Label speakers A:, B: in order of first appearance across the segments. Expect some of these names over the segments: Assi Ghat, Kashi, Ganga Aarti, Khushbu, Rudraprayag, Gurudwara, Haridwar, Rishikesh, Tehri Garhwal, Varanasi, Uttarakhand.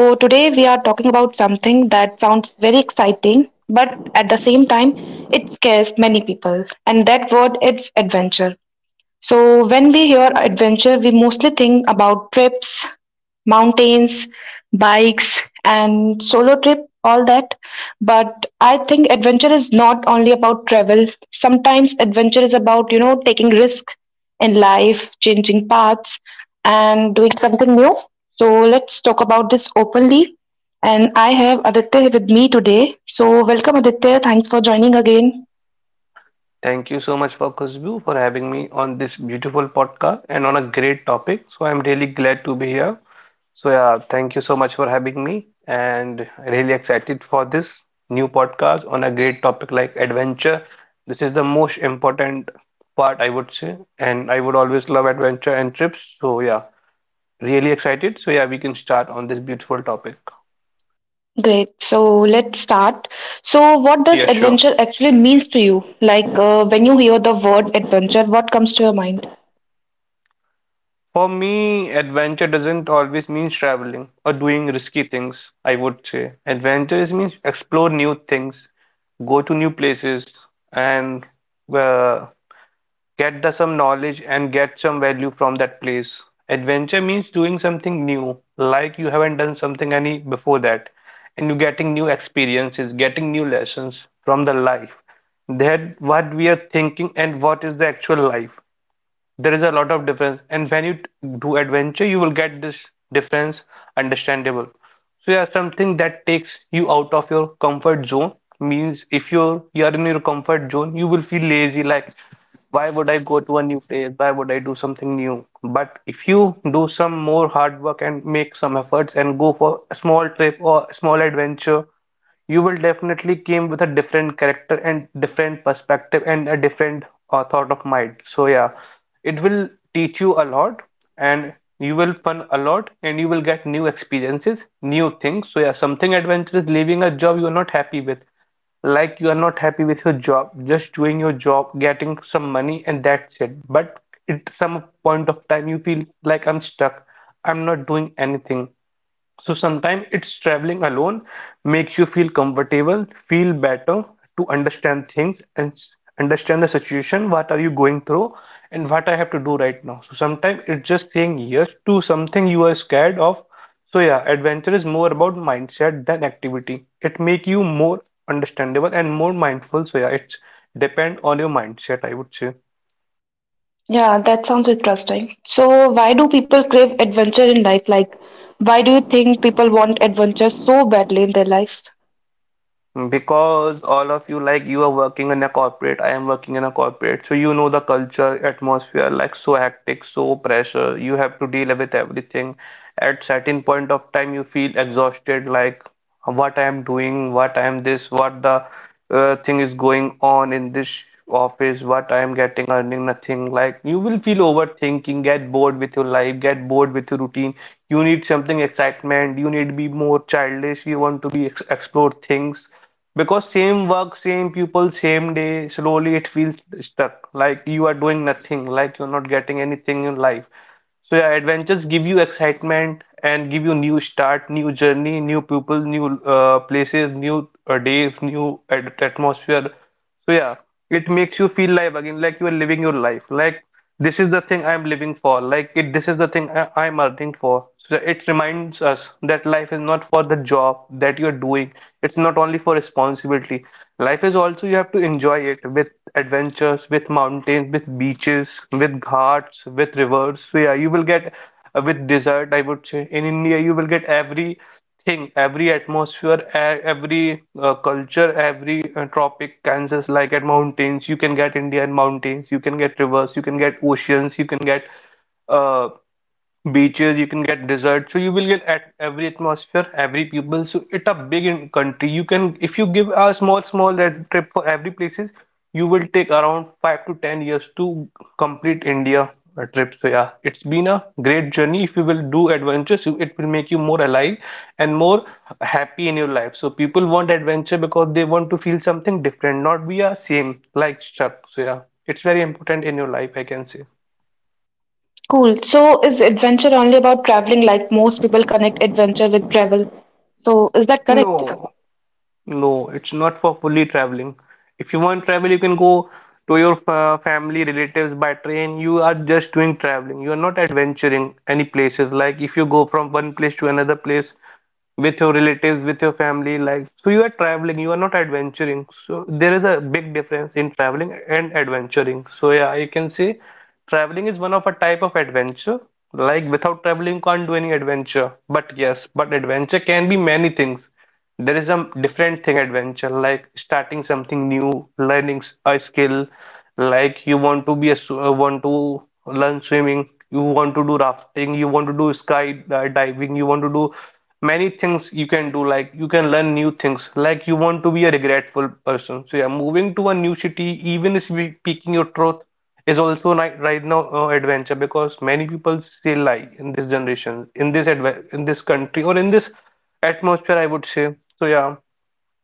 A: So, today we are talking about something that sounds very exciting, but at the same time, it scares many people, and that word is adventure. So, when we hear adventure, we mostly think about trips, mountains, bikes, and solo trip, all that. But I think adventure is not only about travel. Sometimes adventure is about, taking risk in life, changing paths, and doing something new. So, let's talk about this openly. And I have Aditya with me today. So, welcome, Aditya. Thanks for joining again.
B: Thank you so much for Khushbu for having me on this beautiful podcast and on a great topic. So I'm really glad to be here. So yeah, thank you so much for having me and really excited for this new podcast on a great topic like adventure. This is the most important part I would say, and I would always love adventure and trips. So yeah, really excited. So yeah, we can start on this beautiful topic.
A: Great. So let's start. So, what does
B: Yeah, sure.
A: adventure actually means to you? Like when you hear the word adventure, what comes to your mind?
B: For me, adventure doesn't always mean traveling or doing risky things, I would say. Adventure is means explore new things, go to new places, and uh, get the, some knowledge and get some value from that place. Adventure means doing something new, like you haven't done something any before that, and you're getting new experiences, getting new lessons from the life. That what we are thinking and what is the actual life. There is a lot of difference, and when you do adventure, you will get this difference understandable. So yeah, something that takes you out of your comfort zone means if you are in your comfort zone, you will feel lazy. Like, why would I go to a new place? Why would I do something new? But if you do some more hard work and make some efforts and go for a small trip or a small adventure, you will definitely came with a different character and different perspective and a different thought of mind. So yeah, it will teach you a lot and you will fun a lot and you will get new experiences, new things. So yeah, something adventurous, leaving a job you are not happy with, like you are not happy with your job, just doing your job getting some money and that's it, but at some point of time you feel like I'm stuck, I'm not doing anything. So sometimes it's traveling alone makes you feel comfortable, feel better to understand things and understand the situation, what are you going through and what I have to do right now. So sometimes it's just saying yes to something you are scared of. So yeah, adventure is more about mindset than activity. It make you more understandable and more mindful. So yeah, it's depend on your mindset, I would say.
A: Yeah, that sounds interesting. So, why do people crave adventure in life? Like, why do you think people want adventure so badly in their life?
B: Because all of you, like you are working in a corporate, I am working in a corporate. So you know the culture, atmosphere, like so hectic, so pressure. You have to deal with everything. At certain point of time, you feel exhausted, like what I am doing, what I am this, what the thing is going on in this office, what I am getting, earning nothing. Like you will feel overthinking, get bored with your life, get bored with your routine. You need something excitement. You need to be more childish. You want to be ex explore things, because same work, same people, same day. Slowly it feels stuck. Like you are doing nothing. Like you're not getting anything in life. So yeah, adventures give you excitement and give you new start, new journey, new people, new places, new days, new at atmosphere. So yeah, it makes you feel live again, like you are living your life. Like this is the thing I am living for. Like it, this is the thing I'm earning for. So it reminds us that life is not for the job that you're doing. It's not only for responsibility. Life is also you have to enjoy it with adventures, with mountains, with beaches, with ghats, with rivers. So yeah, you will get with desert, I would say. In India, you will get every thing, every atmosphere, every culture, every tropic Kansas, like at mountains you can get Indian mountains, you can get rivers, you can get oceans, you can get uh, beaches, you can get desert. So you will get at every atmosphere, every people, so it's a big in country. You can, if you give a small red trip for every places, you will take around 5 to 10 years to complete India trip. So yeah, it's been a great journey. If you will do adventures, it will make you more alive and more happy in your life. So people want adventure because they want to feel something different, not be a same like stuck. So yeah, it's very important in your life, I can say.
A: Cool. So, is adventure only about traveling? Like most people connect adventure with travel. So, is that correct?
B: No. No, it's not for fully traveling. If you want travel, you can go to your fa family, relatives by train. You are just doing traveling. You are not adventuring any places. Like if you go from one place to another place with your relatives, with your family, like so you are traveling. You are not adventuring. So there is a big difference in traveling and adventuring. So yeah, you can say traveling is one of a type of adventure. Like without traveling, you can't do any adventure. But yes, but adventure can be many things. There is a different thing adventure, like starting something new, learning a skill, like you want to be a want to learn swimming, you want to do rafting, you want to do sky diving, you want to do many things you can do. Like you can learn new things, like you want to be a regretful person. So yeah, moving to a new city, even if speaking your truth is also right now adventure, because many people still lie in this generation, in this adve in this country or in this atmosphere, I would say. So yeah,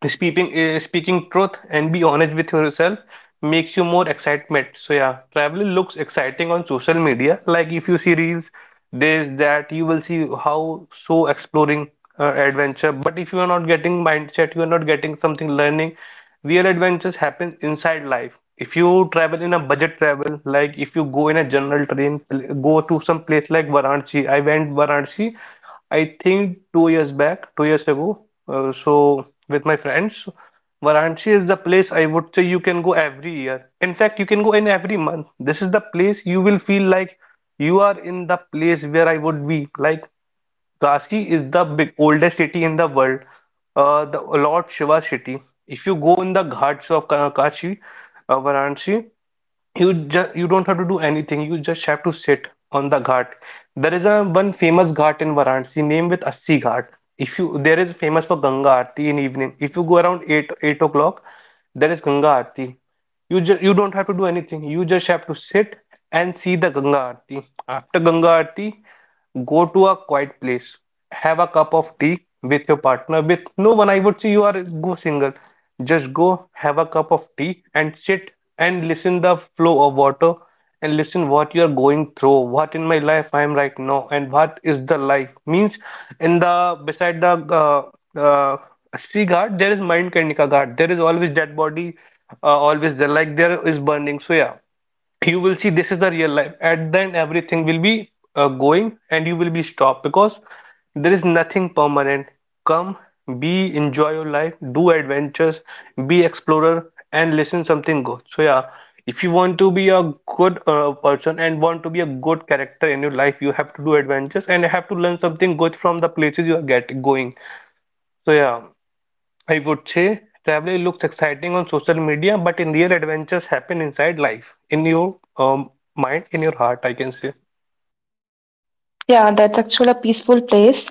B: speaking speaking truth and be honest with yourself makes you more excitement. So yeah, travel looks exciting on social media, like if you see reels, this that you will see how so exploring adventure. But if you are not getting mindset, you are not getting something learning, real adventures happen inside life. If you travel in a budget travel, like if you go in a general train, go to some place like Varanasi. I went Varanasi, I think 2 years back, 2 years ago, so with my friends. Varanasi is the place I would say you can go every year. In fact, you can go in every month. This is the place you will feel like you are in the place where I would be. Like Kashi is the big oldest city in the world, the Lord Shiva city. If you go in the ghats of Kashi, Varanasi, you just you don't have to do anything, you just have to sit on the ghat. There is a one famous ghat in Varanasi named with Assi Ghat. If you, there is famous for Ganga Aarti in evening. If you go around 8 o'clock, there is Ganga Aarti. You just you don't have to do anything. You just have to sit and see the Ganga Aarti. After Ganga Aarti, go to a quiet place. Have a cup of tea with your partner, with no one. I would say you are go single. Just go have a cup of tea and sit and listen the flow of water and listen what you are going through, what in my life I am right now and what is the life means. In the beside the uh, uh, sea guard, there is mind kanika guard, there is always dead body, always there, like there is burning. So yeah, you will see this is the real life at then everything will be going and you will be stopped because there is nothing permanent. Come, be, enjoy your life, do adventures, be explorer and listen something good. So yeah, if you want to be a good person and want to be a good character in your life, you have to do adventures and have to learn something good from the places you are get going. So yeah, I would say traveling looks exciting on social media, but in real adventures happen inside life, in your mind, in your heart, I can say.
A: Yeah, that's actually a peaceful place.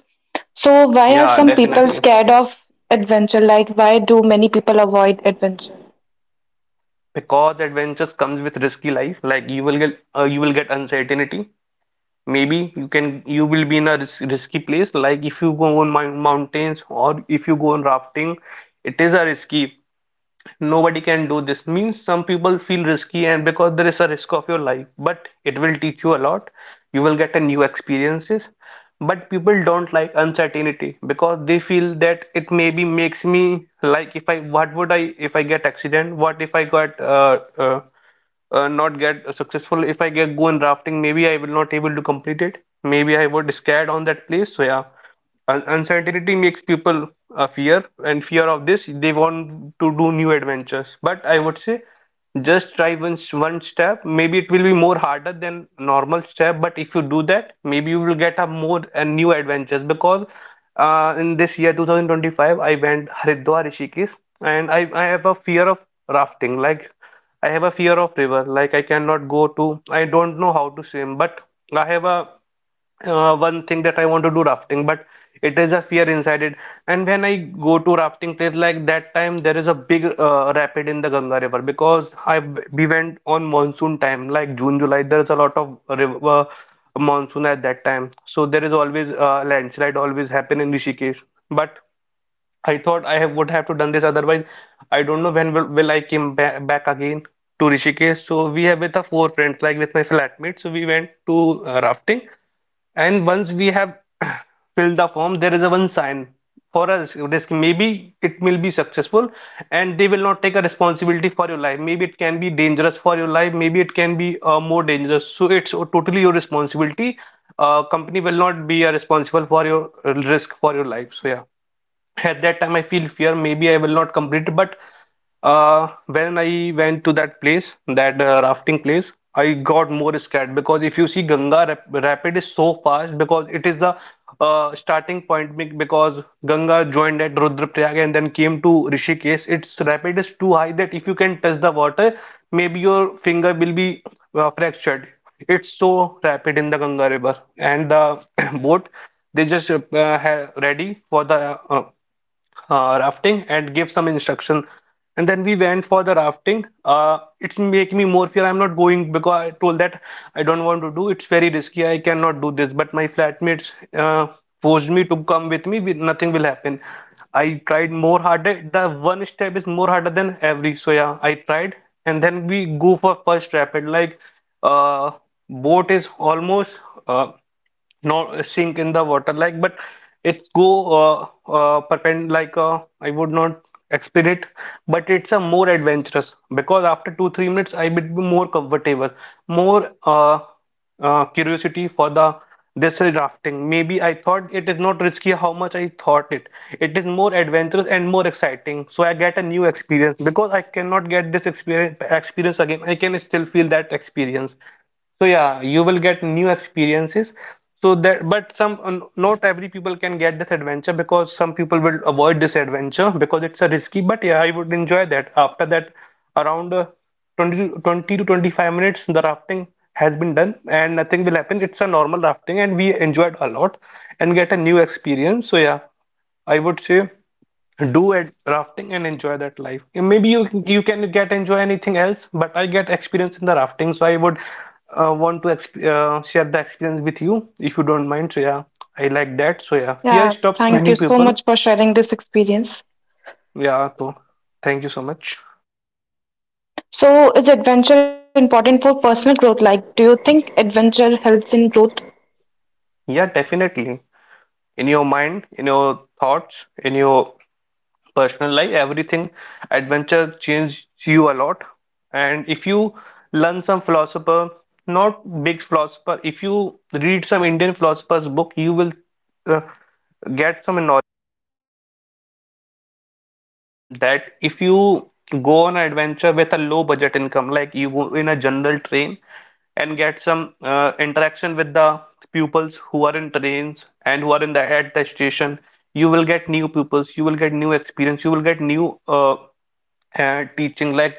A: So, why are
B: Yeah,
A: some people
B: definitely.
A: scared of adventure? Like, why do many people avoid adventure?
B: Because adventures comes with risky life. Like you will get uncertainty. Maybe you will be in a risky place. Like if you go on mountains or if you go on rafting, it is a risky. Nobody can do this means some people feel risky and because there is a risk of your life, but it will teach you a lot. You will get a new experiences, but people don't like uncertainty because they feel that it maybe makes me like if I what would I if I get accident. What if I got not get successful, if I get go in rafting maybe I will not able to complete it, maybe I would scared on that place. So yeah, Un uncertainty makes people fear, and fear of this, they want to do new adventures. But I would say, just try once one step. Maybe it will be more harder than normal step, but if you do that, maybe you will get a more and new adventures. Because in this year 2025, I went Haridwar, Rishikesh, and I have a fear of rafting. Like I have a fear of river. Like I cannot go to. I don't know how to swim, but I have a one thing that I want to do rafting, but it is a fear inside it. And when I go to rafting place like that time, there is a big rapid in the Ganga River, because I we went on monsoon time, like June, July. There is a lot of river, monsoon at that time, so there is always landslide always happen in Rishikesh. But I thought I have, would have to done this, otherwise I don't know when will I came ba back again to Rishikesh. So we have with our four friends, like with my flatmates. So we went to rafting, and once we have filled the form, there is a one sign for us risk. Maybe it will be successful and they will not take a responsibility for your life. Maybe it can be dangerous for your life. Maybe it can be more dangerous. So it's totally your responsibility. Company will not be responsible for your risk for your life. So yeah, at that time I feel fear maybe I will not complete. But when I went to that place, that rafting place, I got more scared because if you see ganga rapid is so fast, because it is the starting point because ganga joined at Rudraprayag and then came to Rishikesh. Its rapid is too high that if you can touch the water, maybe your finger will be fractured. It's so rapid in the Ganga River, and the boat they just have ready for the rafting and give some instruction. And then we went for the rafting. It's make me more fear. I'm not going because I told that I don't want to do. It's very risky. I cannot do this. But my flatmates forced me to come with me. With nothing will happen. I tried more harder. The one step is more harder than every. So yeah, I tried. And then we go for first rapid. Like uh, boat is almost uh, not sink in the water like, but it's go perpend like I would not explain it. But it's a more adventurous, because after 2 3 minutes I would be more comfortable, more curiosity for the this is rafting. Maybe I thought it is not risky. How much I thought it, it is more adventurous and more exciting. So I get a new experience, because I cannot get this experience again. I can still feel that experience. So yeah, you will get new experiences. So that, but some not every people can get this adventure, because some people will avoid this adventure because it's a risky. But yeah, I would enjoy that. After that, around 20, twenty to 25 minutes, the rafting has been done and nothing will happen. It's a normal rafting and we enjoyed a lot and get a new experience. So yeah, I would say do ad rafting and enjoy that life. And maybe you can get enjoy anything else, but I get experience in the rafting, so I would want to exp share the experience with you if you don't mind. So yeah, I like that. So yeah, fear
A: Yeah,
B: stops
A: thank you
B: many
A: so
B: people.
A: much for sharing this experience.
B: Yeah, so thank you so much.
A: So, is adventure important for personal growth? Like, do you think adventure helps in growth?
B: Yeah, definitely. In your mind, in your thoughts, in your personal life, everything, adventure changed you a lot. And if you learn some philosopher, not big philosopher, if you read some indian philosopher's book, you will uh, get some knowledge that if you go on an adventure with a low budget income, like you go in a general train and get some interaction with the pupils who are in trains and who are in the at the station, you will get new pupils, you will get new experience, you will get new teaching. Like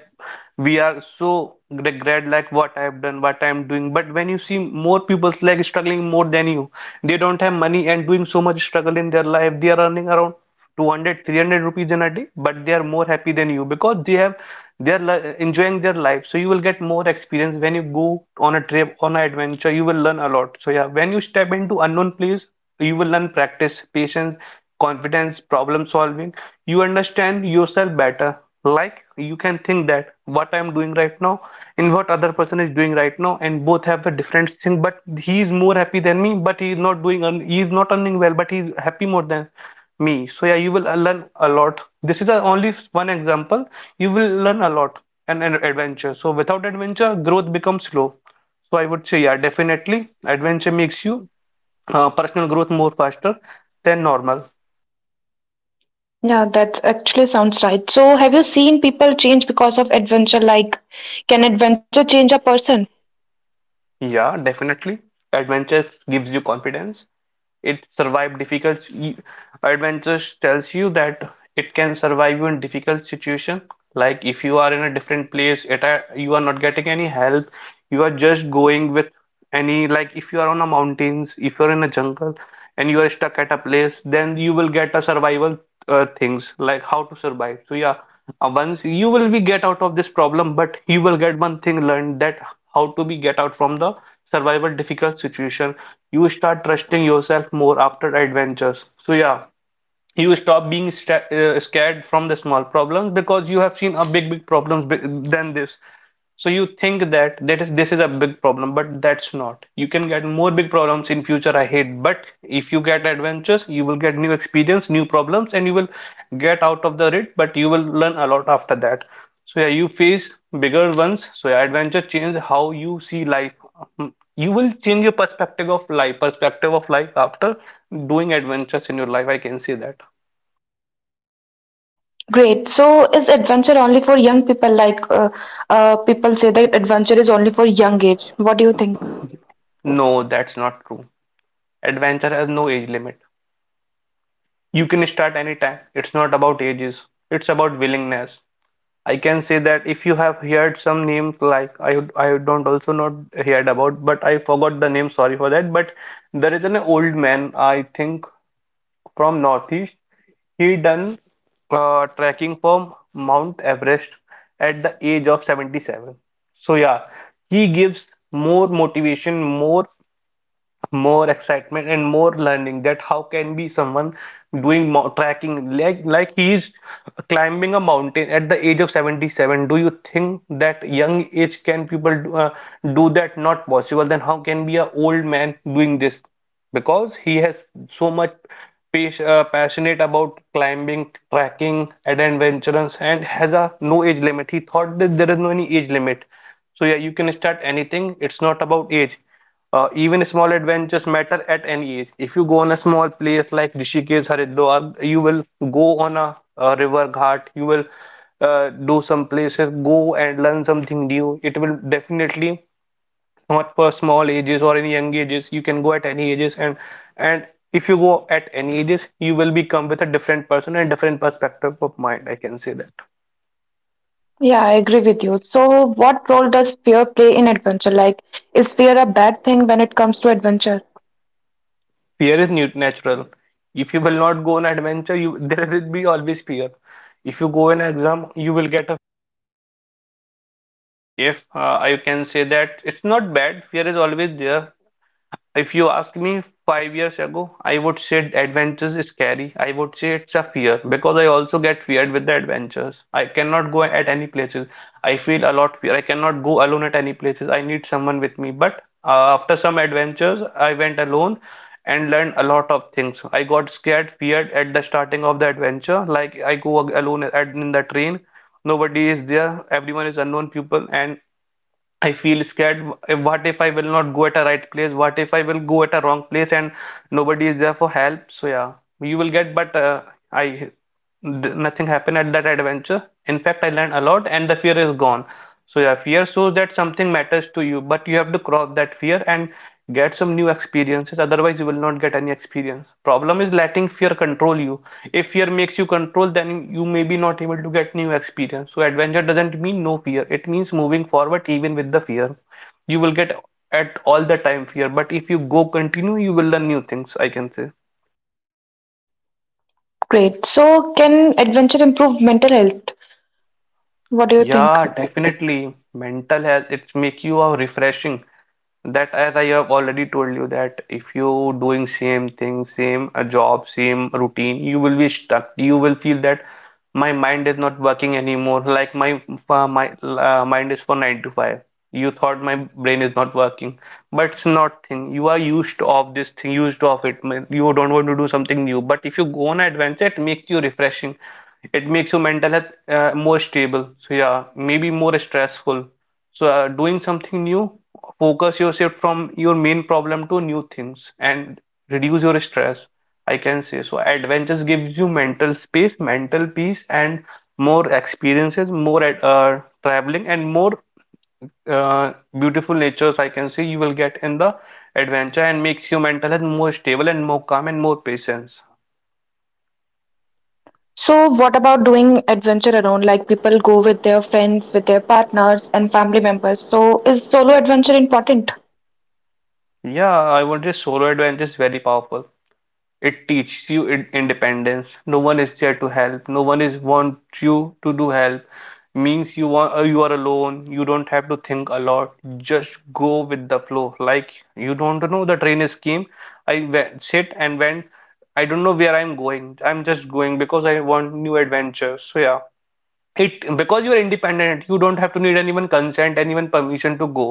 B: we are so regret, like what I have done, what I am doing. But when you see more people like struggling more than you, they don't have money and doing so much struggle in their life. They are earning around 200-300 rupees in a day, but they are more happy than you because they have, they are enjoying their life. So you will get more experience when you go on a trip on an adventure. You will learn a lot. So yeah, when you step into unknown place, you will learn practice patience, confidence, problem solving. You understand yourself better. Like you can think that what I'm doing right now, and what other person is doing right now, and both have a different thing. But he is more happy than me. But he is not doing. He is not earning well, but he's happy more than me. So yeah, you will learn a lot. This is a, only one example. You will learn a lot and an adventure. So without adventure, growth becomes slow. So I would say yeah, definitely adventure makes you personal growth more faster than normal.
A: Yeah, that actually sounds right. So, have you seen people change because of adventure? Like, can adventure change a person?
B: Yeah, definitely. Adventure gives you confidence. It survived difficult. Adventures tells you that it can survive you in difficult situation. Like if you are in a different place, it are, you are not getting any help. You are just going with any. Like if you are on a mountains, if you are in a jungle, and you are stuck at a place, then you will get a survival things like how to survive. So yeah, once you will be get out of this problem, but you will get one thing learned that how to be get out from the survival difficult situation. You start trusting yourself more after adventures. So yeah, you stop being scared from the small problems, because you have seen a big problems big, than this. So you think that that is, this is a big problem, but that's not. You can get more big problems in future ahead. But if you get adventures, you will get new experience, new problems, and you will get out of the it, but you will learn a lot after that. So yeah, you face bigger ones. So yeah, adventure change how you see life. Mm, you will change your perspective of life, perspective of life after doing adventures in your life, I can say that.
A: Great. So, is adventure only for young people? Like, people say that adventure is only for young age. What do you think?
B: No, that's not true. Adventure has no age limit. You can start anytime. It's not about ages. It's about willingness. I can say that if you have heard some names, like I don't also not heard about, but I forgot the name. Sorry for that. But there is an old man I think from Northeast. He done trekking from Mount Everest at the age of 77. So yeah, he gives more motivation, more excitement and more learning that how can be someone doing mo trekking like, he is climbing a mountain at the age of 77. Do you think that young age can people do, do that? Not possible. Then how can be a old man doing this, because he has so much passionate about climbing tracking, and adventurous and has a no age limit. He thought that there is no any age limit. So yeah, you can start anything. It's not about age. Even small adventures matter at any age. If you go on a small place like Rishikesh, Haridwar, you will go on a, river ghat, you will do some places, go and learn something new. It will definitely not for small ages or any young ages. You can go at any ages and if you go at any ages, you will become with a different person and different perspective of mind. I can say that.
A: Yeah, I agree with you. So, what role does fear play in adventure? Like, is fear a bad thing when it comes to adventure?
B: Fear is natural. If you will not go on adventure, you there will be always fear. If you go an exam, you will get a. If I can say that it's not bad, fear is always there. If you ask me 5 years ago, I would say adventures is scary. I would say it's a fear because I also get feared with the adventures. I cannot go at any places. I feel a lot fear. I cannot go alone at any places. I need someone with me. But after some adventures, I went alone and learned a lot of things. I got scared, feared at the starting of the adventure. Like I go alone in the train. Nobody is there. Everyone is unknown people, and I feel scared. What if I will not go at a right place? What if I will go at a wrong place and nobody is there for help? So yeah, you will get, but I d- nothing happened at that adventure. In fact, I learned a lot and the fear is gone. So yeah, fear shows that something matters to you, but you have to cross that fear and get some new experiences, otherwise you will not get any experience. Problem is letting fear control you. If fear makes you control, then you may be not able to get new experience. So adventure doesn't mean no fear. It means moving forward even with the fear. You will get at all the time fear, but if you go continue, you will learn new things, I can say.
A: Great. So, can adventure improve mental health? What do you think?
B: Yeah, definitely. Mental health, it's make you a refreshing. That as I have already told you that if you doing same thing, same a job, same routine, you will be stuck. You will feel that my mind is not working anymore. Like my mind is for 9 to 5. You thought my brain is not working, but it's not thing. You are used of this thing, used of it. Man, you don't want to do something new. But if you go on adventure, it makes you refreshing. It makes your mental health more stable. So yeah, maybe more stressful. So, doing something new, focus yourself from your main problem to new things and reduce your stress. I can say so. Adventures gives you mental space, mental peace, and more experiences, more traveling, and more uh, beautiful natures. I can say you will get in the adventure and makes your mental health more stable and more calm and more patience.
A: So, what about doing adventure alone? Like, people go with their friends, with their partners, and family members. So, is solo adventure important?
B: Yeah, I would say solo adventure is very powerful. It teaches you in independence. No one is there to help. No one is want you to do help. Means you are alone. You don't have to think a lot. Just go with the flow. Like you don't know the train is came. I went, sit and went. I don't know where I'm going. I'm just going because I want new adventures. So yeah, it because you are independent, you don't have to need anyone consent, anyone permission to go.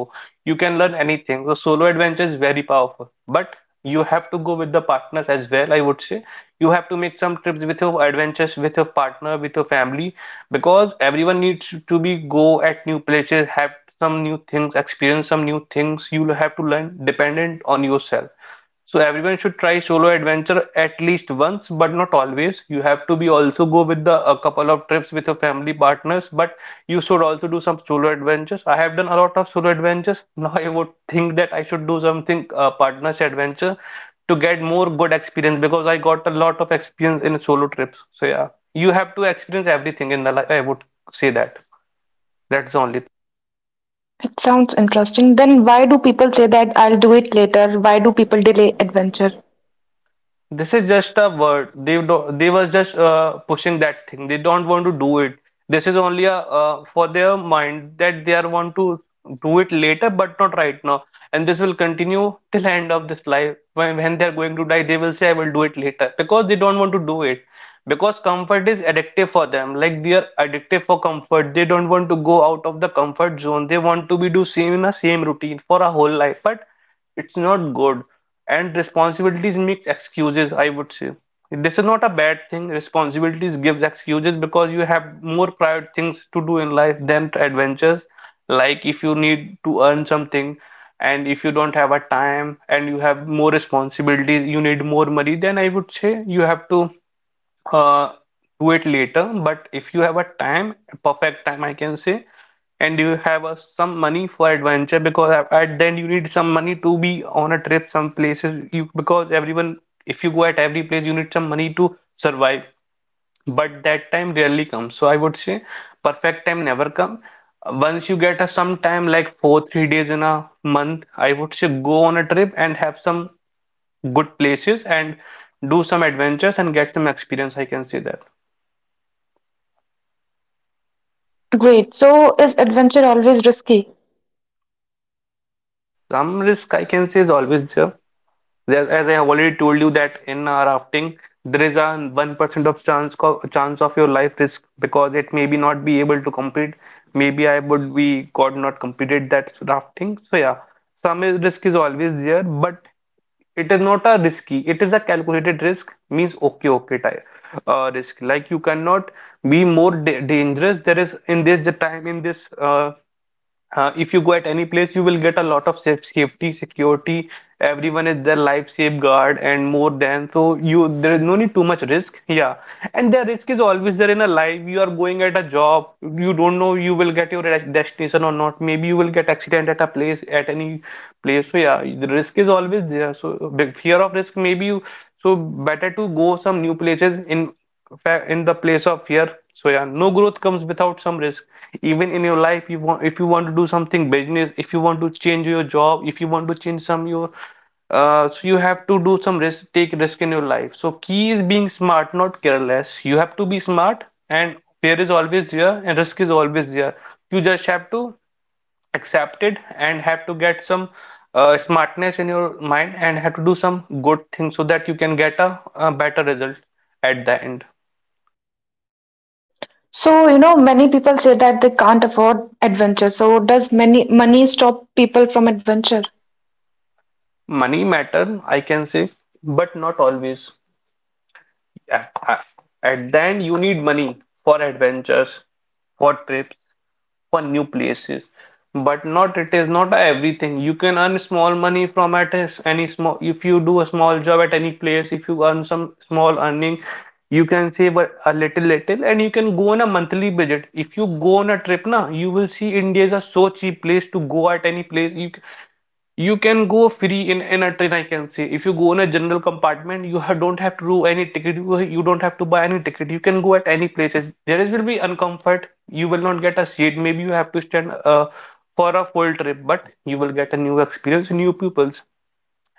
B: You can learn anything. So solo adventure is very powerful, but you have to go with the partners as well, I would say. You have to make some trips with your adventures, with your partner, with your family, because everyone needs to be go at new places, have some new things experience, some new things. You will have to learn dependent on yourself. So everyone should try solo adventure at least once, but not always. You have to be also go with the a couple of trips with your family partners, but you should also do some solo adventures. I have done a lot of solo adventures. Now I would think that I should do something partners adventure to get more good experience because I got a lot of experience in solo trips. So yeah, you have to experience everything in the life. I would say that. That's the only.
A: It sounds interesting. Then, why do people say that I'll do it later? Why do people delay adventure?
B: This is just a word. They were just pushing that thing. They don't want to do it. This is only a for their mind that they are want to do it later, but not right now. And this will continue till end of this life. When they are going to die, they will say, "I will do it later," because they don't want to do it. Because comfort is addictive for them. Like they are addictive for comfort. They don't want to go out of the comfort zone. They want to be do same in a same routine for a whole life. But it's not good, and responsibilities makes excuses, I would say. This is not a bad thing. Responsibilities gives excuses because you have more private things to do in life than adventures. Like if you need to earn something, and if you don't have a time and you have more responsibilities, you need more money, then I would say you have to uh, do it later. But if you have a time, a perfect time, I can say, and you have some money for adventure, because at then you need some money to be on a trip, some places, you, because everyone, if you go at every place, you need some money to survive. But that time rarely comes, so I would say perfect time never come. Once you get a some time like 4, 3 days in a month, I would say go on a trip and have some good places and do some adventures and get some experience, I can say that.
A: Great. So, is adventure always risky?
B: Some risk, I can say, is always there. As I have already told you that in rafting, there is a 1% of chance of your life risk because it may be not be able to complete. Maybe I would be got not completed that rafting. So yeah, risk is always there, but it is not a risky. It is a calculated risk. Means okay, okay, type risk. Like you cannot be more da dangerous. There is in this the time in this if you go at any place, you will get a lot of safety, security. Everyone is their life safeguard and more than so you there is no need too much risk. Yeah, and the risk is always there in a life. You are going at a job, you don't know you will get your destination or not. Maybe you will get accident at a place at any place. So yeah, the risk is always there. So big fear of risk. Maybe you so better to go some new places in in the place of fear. So yeah, no growth comes without some risk. Even in your life, you want if you want to do something business, if you want to change your job, if you want to change some your so you have to do some risk, take risk in your life. So key is being smart, not careless. You have to be smart, and fear is always there, and risk is always there. You just have to accept it and have to get some smartness in your mind and have to do some good things so that you can get a better result at the end.
A: So, you know, many people say that they can't afford adventure. So, does many money stop people from adventure?
B: Money matter, I can say, but not always. At at the end, you need money for adventures, for trips, for new places, but not, it is not everything. You can earn small money from at any small, if you do a small job at any place, if you earn some small earning, you can save a, little little, and you can go on a monthly budget. If you go on a trip, na, you will see India is a so cheap place to go at any place. You can go free in a train, I can say. If you go in a general compartment, you ha don't have to do any ticket. You don't have to buy any ticket. You can go at any places. There is will be uncomfort. You will not get a seat. Maybe you have to stand for a full trip, but you will get a new experience, new pupils.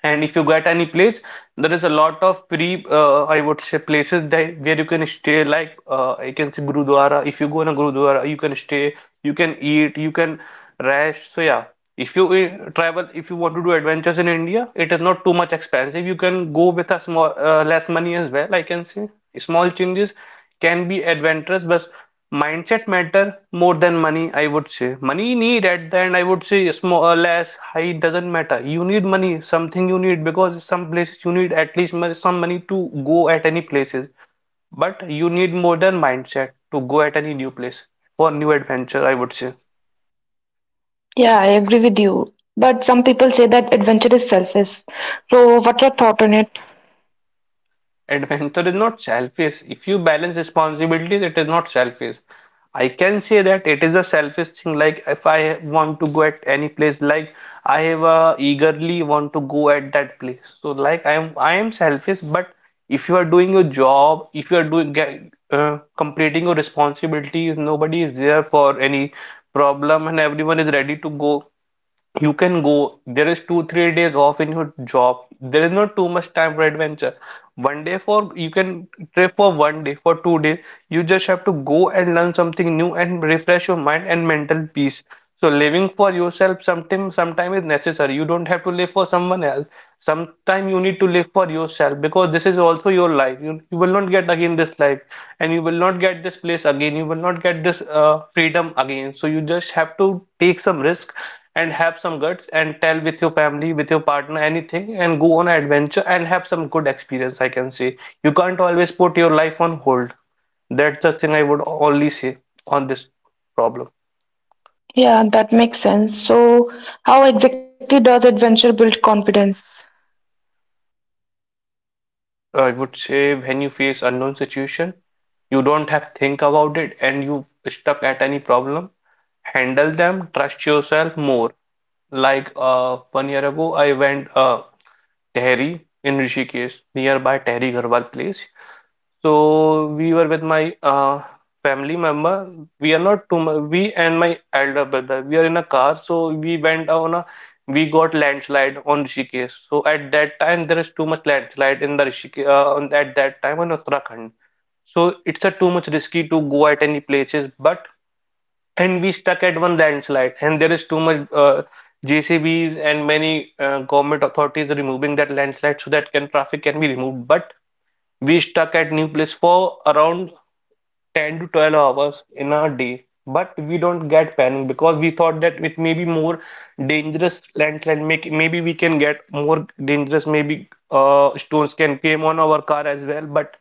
B: And if you get any place, there is a lot of I would say, places that where you can stay. Like I can see Gurudwara. If you go in a Gurudwara, you can stay, you can eat, you can rest. So yeah, if you travel, if you want to do adventures in India, it is not too much expensive. You can go with a less money as well. I can say small changes can be adventurous, but mindset matter more than money, I would say. Money need at the end, I would say small or less, high doesn't matter. You need money, something you need because some places you need at least some money to go at any places. But you need more than mindset to go at any new place for new adventure, I would say.
A: Yeah, I agree with you. But some people say that adventure is selfish. So, what's your thought on it?
B: Adventure is not selfish. If you balance responsibilities, it is not selfish. I can say that it is a selfish thing. Like if I want to go at any place, like I have eagerly want to go at that place. So like I am selfish. But if you are doing your job, if you are doing get, completing your responsibilities, nobody is there for any problem, and everyone is ready to go. You can go. There is two, 3 days off in your job. There is not too much time for adventure. One day for you can trip for one day, for 2 days. You just have to go and learn something new and refresh your mind and mental peace. So living for yourself sometime is necessary. You don't have to live for someone else. Sometime you need to live for yourself because this is also your life. You will not get again this life and you will not get this place again. You will not get this freedom again. So you just have to take some risk and have some guts and tell with your family, with your partner anything and go on an adventure and have some good experience, I can say. You can't always put your life on hold. That's the thing I would only say on this problem.
A: Yeah, that makes sense. So, how exactly does adventure build confidence?
B: But I would say when you face unknown situation, you don't have to think about it and you stuck at any problem, handle them, trust yourself more. Like one year ago, I went Tehri in Rishikesh, nearby Tehri Garhwal place. So we were with my family member. We are not too much. We and my elder brother. We are in a car, so we went on a. We got landslide on Rishikesh. So at that time, there is too much landslide in the Rishikesh. At that time on Uttarakhand, so it's a too much risky to go at any places. But and we stuck at one landslide, and there is too much JCBs and many government authorities removing that landslide so that can traffic can be removed. But we stuck at new place for around 10 to 12 hours in a day but we don't get panic because we thought that it may be more dangerous landslide make maybe we can get more dangerous maybe stones can came on our car as well but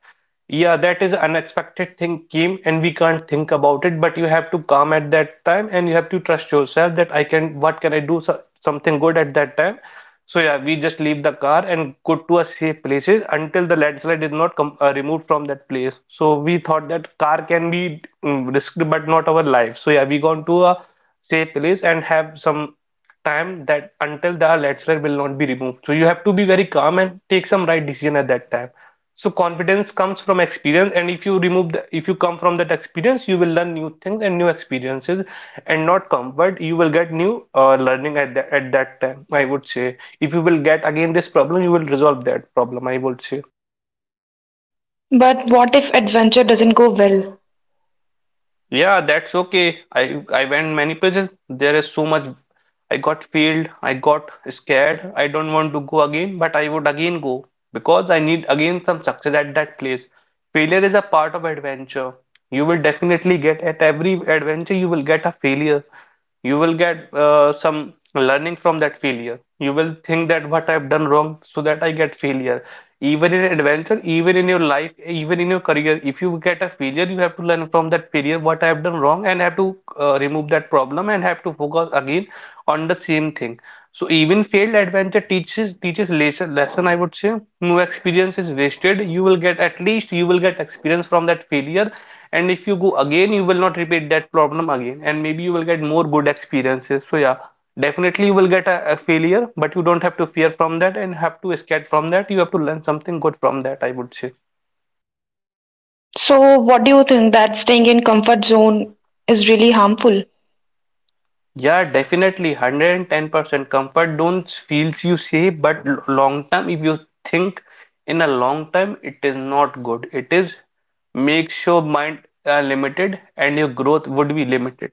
B: yeah, that is unexpected thing came and we can't think about it, but you have to calm at that time and you have to trust yourself that I can, what can I do so, something good at that time. So yeah, we just leave the car and go to a safe places until the landslide is not com removed from that place. So we thought that car can be risked, but not our life. So yeah, we gone to a safe place and have some time that until the letter will not be removed. So you have to be very calm and take some right decision at that time. So confidence comes from experience, and if you if you come from that experience, you will learn new things and new experiences, and not comfort. You will get new learning at that time. I would say if you will get again this problem, you will resolve that problem. I would say
A: But what if adventure doesn't go well?
B: yeah, that's okay. I went many places. There is so much I got failed, I got scared, I don't want to go again, but I would again go. Because I need again some success at that place. Failure is a part of adventure. You will definitely get at every adventure, you will get a failure. You will get some learning from that failure. You will think that what I've done wrong so that I get failure. Even in adventure, even in your life, even in your career, if you get a failure, you have to learn from that failure what I have done wrong and have to remove that problem and have to focus again on the same thing. So even failed adventure teaches lesson I would say no experience is wasted. You will get at least you will get experience from that failure, and if you go again, you will not repeat that problem again, and maybe you will get more good experiences. So yeah, definitely you will get a failure, but you don't have to fear from that and have to escape from that. You have to learn something good from that. I would say.
A: So, what do you think that staying in comfort zone is really harmful?
B: Yeah, definitely. 110% comfort zones feels you safe, but long term, if you think in a long time, it is not good. It is makes your mind limited and your growth would be limited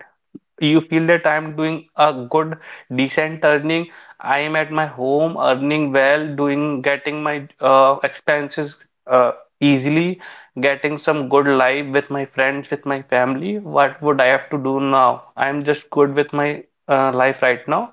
B: you feel that I'm doing a good, decent earning. I am at my home earning well, doing getting my expenses uh, easily, getting some good life with my friends, with my family. What would I have to do now? I'm just good with my life right now.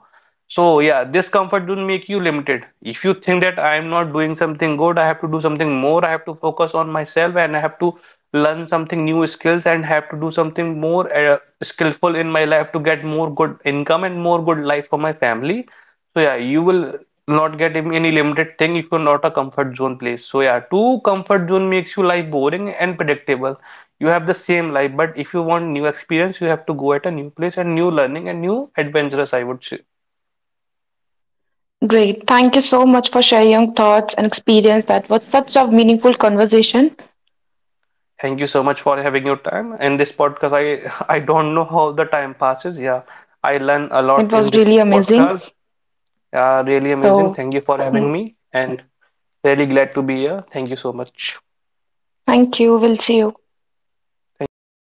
B: So yeah, this comfort zone make you limited. If you think that I am not doing something good, I have to do something more, I have to focus on myself and I have to learn something new skills and have to do something more skillful in my life to get more good income and more good life for my family. So yeah, you will not get any limited thing if you're not a comfort zone place. So yeah, too comfort zone makes you life boring and predictable. You have the same life, but if you want new experience, you have to go at a new place and new learning and new adventurous, I would say.
A: Great. Thank you so much for sharing your thoughts and experience. That was such a meaningful conversation.
B: Thank you so much for having your time in this podcast. I I don't know how the time passes. Yeah, I learn a lot
A: It
B: in
A: was
B: this
A: really amazing.
B: podcast. Yeah, really amazing.
A: So,
B: Thank you for having
A: mm,
B: me and really glad to be here. Thank you so much.
A: thank you. We'll see you.
B: Thank you.